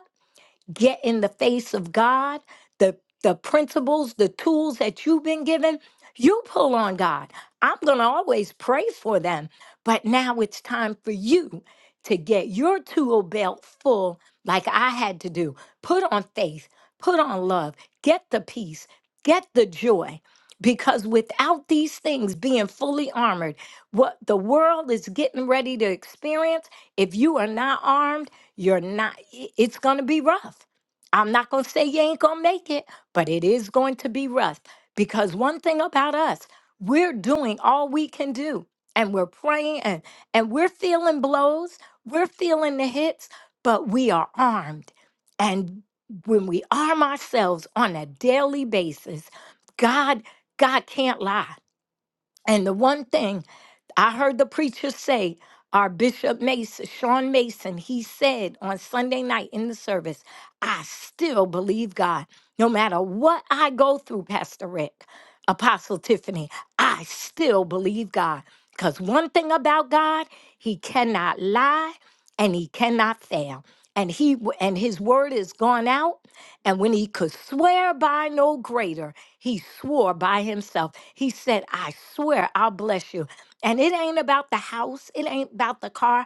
get in the face of God, the the principles, the tools that you've been given, you pull on God. I'm going to always pray for them, but now it's time for you to get your tool belt full like I had to do. Put on faith, put on love, get the peace, get the joy because without these things being fully armored, what the world is getting ready to experience, if you are not armed, you're not i- it's going to be rough I'm not going to say you ain't going to make it, but it is going to be rough because one thing about us, we're doing all we can do and we're praying and, and we're feeling blows, we're feeling the hits, but we are armed. And when we arm ourselves on a daily basis, God, God can't lie. And the one thing I heard the preacher say, our Bishop Mason, Sean Mason, he said on Sunday night in the service, I still believe God. No matter what I go through, Pastor Rick, Apostle Tiffany, I still believe God. Because one thing about God, he cannot lie and he cannot fail. And he and his word is gone out. And when he could swear by no greater, he swore by himself. He said, I swear I'll bless you. And it ain't about the house, it ain't about the car.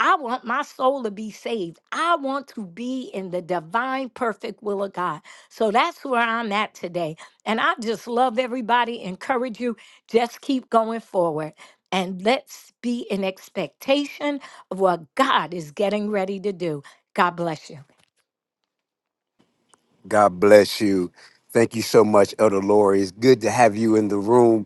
I want my soul to be saved. I want to be in the divine, perfect will of God. So that's where I'm at today. And I just love everybody, encourage you, just keep going forward. And let's be in expectation of what God is getting ready to do. God bless you.
God bless you. Thank you so much, Elder Lori. It's good to have you in the room.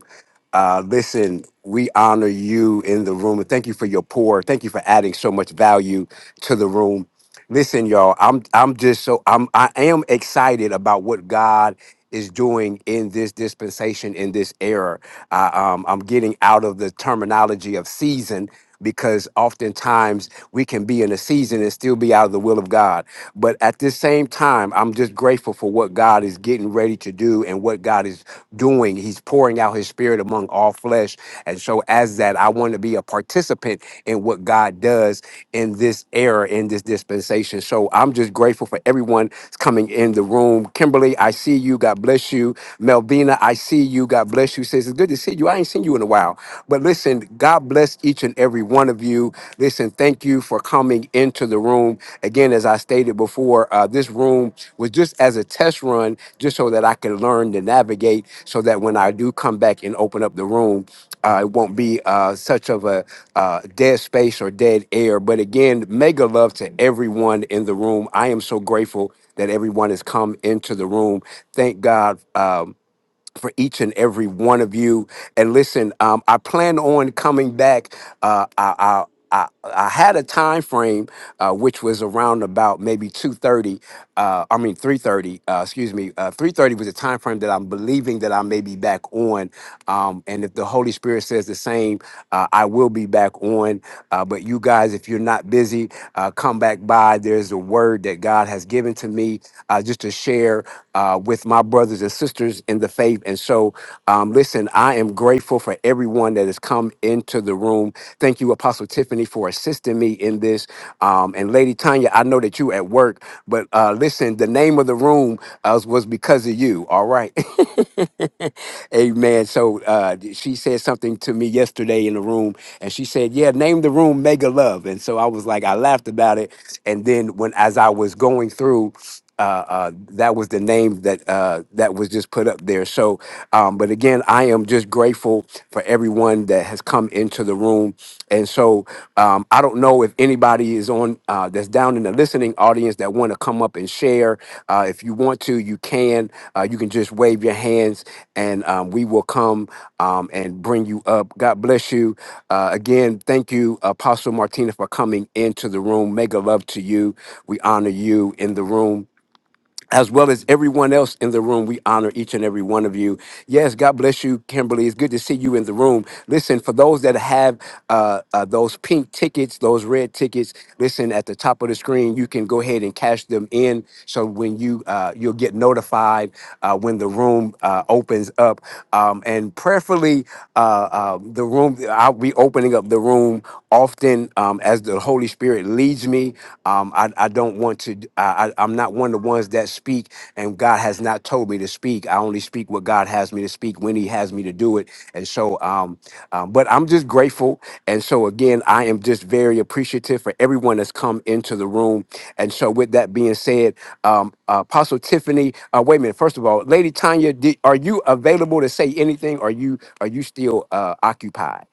Uh, listen, we honor you in the room, and thank you for your pour. Thank you for adding so much value to the room. Listen, y'all, I'm I'm just so I'm I am excited about what God is doing in this dispensation in this era. I, um, I'm getting out of the terminology of season because oftentimes we can be in a season and still be out of the will of God. But at the same time, I'm just grateful for what God is getting ready to do and what God is doing. He's he's pouring out his spirit among all flesh. And so, as that, I want to be a participant in what God does in this era, in this dispensation. So, I'm just grateful for everyone that's coming in the room. Kimberly, I see you. God bless you. Melvina, I see you. God bless you. Says it's good to see you. I ain't seen you in a while. But listen, God bless each and every one of you. Listen, thank you for coming coming into the room. Again, as I stated before, uh, this room was just as a test run, just so that I can learn to navigate, so that when I do come back and open up the room, uh, it won't be uh, such of a uh, dead space or dead air. But again, mega love to everyone in the room. I am so grateful that everyone has come into the room. Thank God. um, for each and every one of you. And listen, um, I plan on coming back. Uh, I, I I, I had a time frame uh, which was around about maybe 2.30 uh, i mean 3.30 uh, excuse me uh, 3.30 was a time frame that i'm believing that i may be back on um, and if the Holy Spirit says the same, uh, I will be back on. Uh, but you guys, if you're not busy, uh, come back by. There's a word that God has given to me uh, just to share uh, with my brothers and sisters in the faith. And so, um, listen, I am grateful for everyone that has come into the room. Thank you, Apostle Tiffany, for assisting me in this. Um, and Lady Tanya, I know that you at work, but uh, uh, listen, the name of the room uh, was because of you. All right. Amen. So uh, she said something to me yesterday in the room, and she said, "Yeah, name the room Mega Love." And so I was like, I laughed about it, and then when as I was going through. Uh, uh, that was the name that uh, that was just put up there. So, um, but again, I am just grateful for everyone that has come into the room and so um, I don't know if anybody is on uh, that's down in the listening audience that want to come up and share. Uh, if you want to, you can. Uh, you can just wave your hands, and um, we will come um, and bring you up. God bless you. Uh, again, thank you, Apostle Martina, for coming into the room. Mega love to you. We honor you in the room as well as everyone else in the room. We honor each and every one of you. Yes, God bless you, Kimberly. It's good to see you in the room. Listen, for those that have uh, uh, those pink tickets, those red tickets, listen at the top of the screen. You can go ahead and cash them in. So when you uh, you'll get notified uh, when the room uh, opens up, um, and prayerfully, uh, uh, the room I'll be opening up the room often um, as the Holy Spirit leads leads me. Um, I, I don't want to, I, I- I'm not one of the ones that speak, and God has not told me to speak. I only speak what God has me to speak when He has me to do it. And so, um, um, but I'm just grateful. And so, again, I am just very appreciative for everyone that's come into the room. And so, with that being said, um, Apostle Tiffany, uh, wait a minute. First of all, Lady Tanya, did, are you available to say anything? Are you are you still uh, occupied?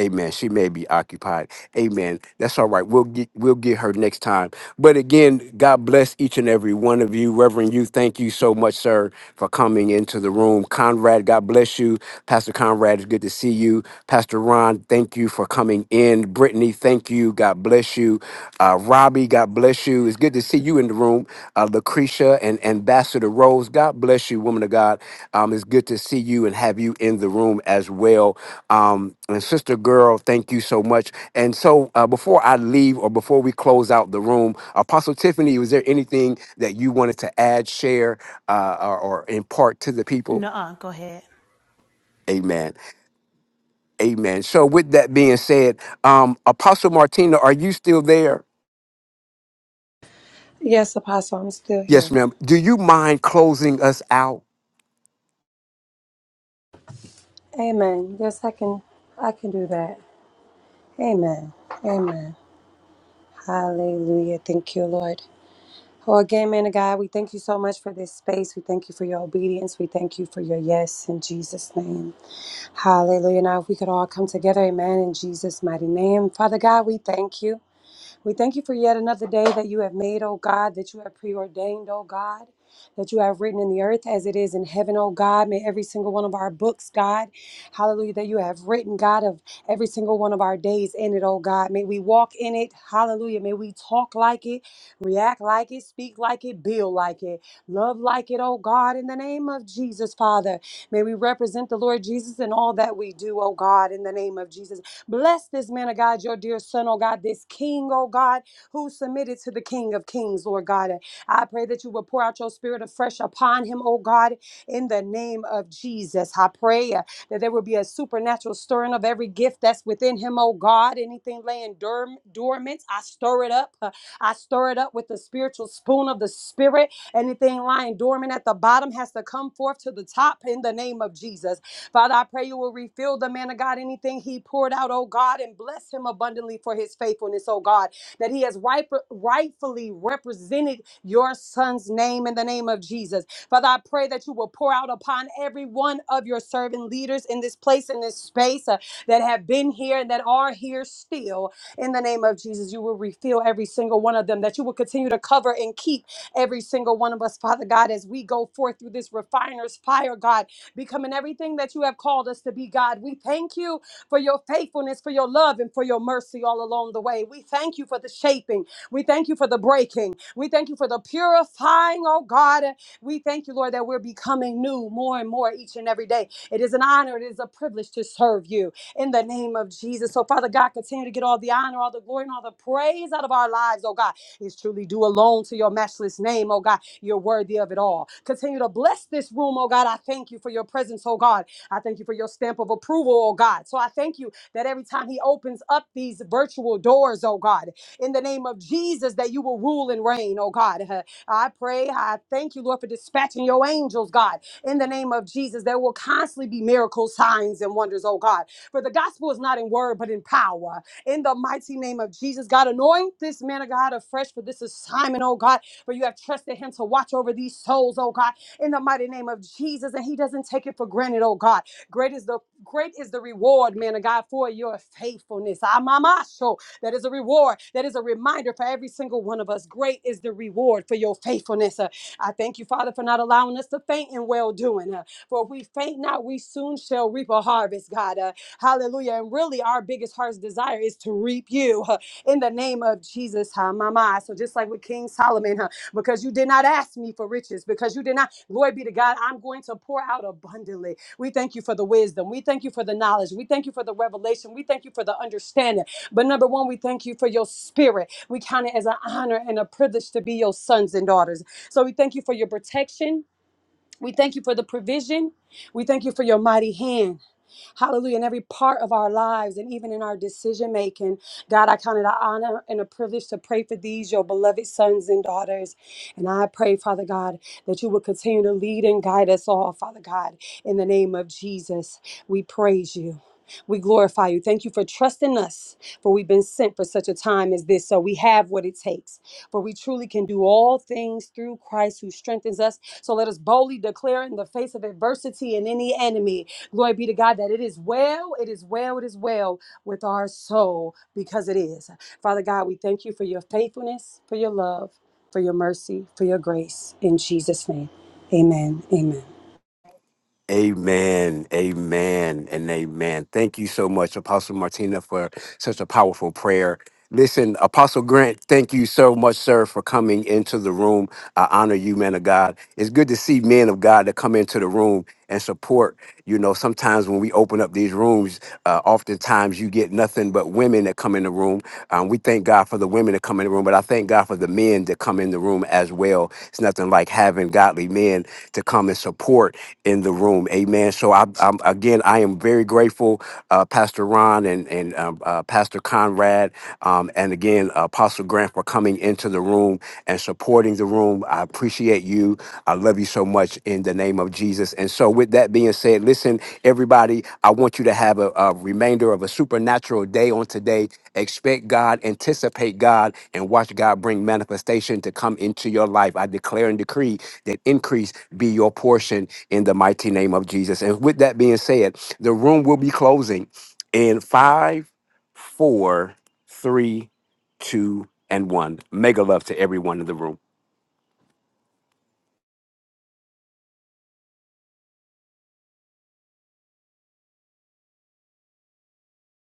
Amen. She may be occupied. Amen. That's all right. We'll get we'll get her next time. But again, God bless each and every one of you. Reverend you, thank you so much, sir, for coming into the room. Conrad, God bless you. Pastor Conrad, it's good to see you. Pastor Ron, thank you for coming in. Brittany, thank you. God bless you. Uh, Robbie, God bless you. It's good to see you in the room. Uh, Lucretia and Ambassador Rose, God bless you, woman of God. Um, it's good to see you and have you in the room as well. Um, and sister girl, thank you so much. And so, uh, before I leave or before we close out the room, Apostle Tiffany, was there anything that you wanted to add, share, uh, or, or impart to the people?
Nuh-uh, go ahead.
Amen. Amen. So, with that being said, um, Apostle Martina, are you still there?
Yes, Apostle, I'm still
Yes,
here.
ma'am. Do you mind closing us out?
Amen. Yes, I can. I can do that. Amen. Amen. Hallelujah. Thank you, Lord. Well, again, man of God, we thank you so much for this space. We thank you for your obedience. We thank you for your yes in Jesus' name. Hallelujah. Now, if we could all come together, amen, in Jesus' mighty name. Father God, we thank you. We thank you for yet another day that you have made, O God, that you have preordained, O God, that you have written in the earth as it is in heaven, O God. May every single one of our books, God, hallelujah, that you have written, God, of every single one of our days in it, O God. May we walk in it, hallelujah. May we talk like it, react like it, speak like it, build like it, love like it, O God, in the name of Jesus, Father. May we represent the Lord Jesus in all that we do, O God, in the name of Jesus. Bless this man of God, your dear son, oh God, this king, oh God, who submitted to the King of Kings, Lord God. And I pray that you will pour out your spirit afresh upon him, oh God, in the name of Jesus. I pray uh, that there will be a supernatural stirring of every gift that's within him, oh God. Anything laying dorm- dormant, I stir it up. Uh, I stir it up with the spiritual spoon of the spirit. Anything lying dormant at the bottom has to come forth to the top in the name of Jesus. Father, I pray you will refill the man of God anything he poured out, oh God, and bless him abundantly for his faithfulness, oh God, that he has right, rightfully represented your son's name in the name of Jesus. Father, I pray that you will pour out upon every one of your servant leaders in this place, in this space uh, that have been here and that are here still. In the name of Jesus, you will refill every single one of them, that you will continue to cover and keep every single one of us, Father God, as we go forth through this refiner's fire, God becoming everything that you have called us to be, God. We thank you for your faithfulness, for your love, and for your mercy all along the way. We thank you for the shaping. We thank you for the breaking. We thank you for the purifying, oh God. We thank you, Lord, that we're becoming new more and more each and every day. It is an honor, it is a privilege to serve you in the name of Jesus. So, Father God, continue to get all the honor, all the glory, and all the praise out of our lives, oh God is truly due alone to your matchless name, oh God. You're worthy of it all. Continue to bless this room, oh God. I thank you for your presence, oh God. I thank you for your stamp of approval, oh God. So I thank you that every time He opens up these virtual doors, oh God, in the name of Jesus, that you will rule and reign, oh God. Uh, I pray, I thank you, Lord, for dispatching your angels, God, in the name of Jesus. There will constantly be miracles, signs, and wonders, oh God. For the gospel is not in word, but in power in the mighty name of Jesus. God, anoint this man of God afresh for this assignment, oh God, for you have trusted him to watch over these souls, oh God, in the mighty name of Jesus. And he doesn't take it for granted, oh God. Great is the great is the reward, man of God, for your faithfulness. Amamasho. That is a reward. That is a reminder for every single one of us. Great is the reward for your faithfulness. Uh, I thank you, Father, for not allowing us to faint in well doing. Uh, for if we faint not, we soon shall reap a harvest, God. Uh, Hallelujah. And really, our biggest heart's desire is to reap you huh, in the name of Jesus. huh, my, my. So, just like with King Solomon, huh, because you did not ask me for riches, because you did not, glory be to God, I'm going to pour out abundantly. We thank you for the wisdom. We thank you for the knowledge. We thank you for the revelation. We thank you for the understanding. But number one, we thank you for your spirit. We count it as an honor and a privilege to be your sons and daughters. So, we thank you for your protection. We thank you for the provision. We thank you for your mighty hand. Hallelujah. In every part of our lives and even in our decision making. God, I count it an honor and a privilege to pray for these, your beloved sons and daughters. And I pray, Father God, that you will continue to lead and guide us all, Father God. In the name of Jesus, we praise you. We glorify you. Thank you for trusting us, for we've been sent for such a time as this. So we have what it takes, for we truly can do all things through Christ who strengthens us. So let us boldly declare in the face of adversity and any enemy Glory be to God that it is well, it is well, it is well with our soul because it is. Father God, we thank you for your faithfulness, for your love, for your mercy, for your grace. In Jesus' name, amen. Amen.
Amen, amen, and amen. Thank you so much, Apostle Martina, for such a powerful prayer. Listen, Apostle Grant, thank you so much, sir, for coming into the room. I honor you, man of God. It's good to see men of God that come into the room and support. You know, sometimes when we open up these rooms, uh, oftentimes you get nothing but women that come in the room. Um, we thank God for the women that come in the room, but I thank God for the men that come in the room as well. It's nothing like having godly men to come and support in the room. Amen. So I, I'm again, I am very grateful, uh, Pastor Ron and and um, uh, Pastor Conrad, um, and again Apostle Grant for coming into the room and supporting the room. I appreciate you. I love you so much in the name of Jesus. And so, with that being said, listen, everybody, I want you to have a, a remainder of a supernatural day on today. Expect God, anticipate God, and watch God bring manifestation to come into your life. I declare and decree that increase be your portion in the mighty name of Jesus. And with that being said, the room will be closing in five, four, three, two, and one. Mega love to everyone in the room.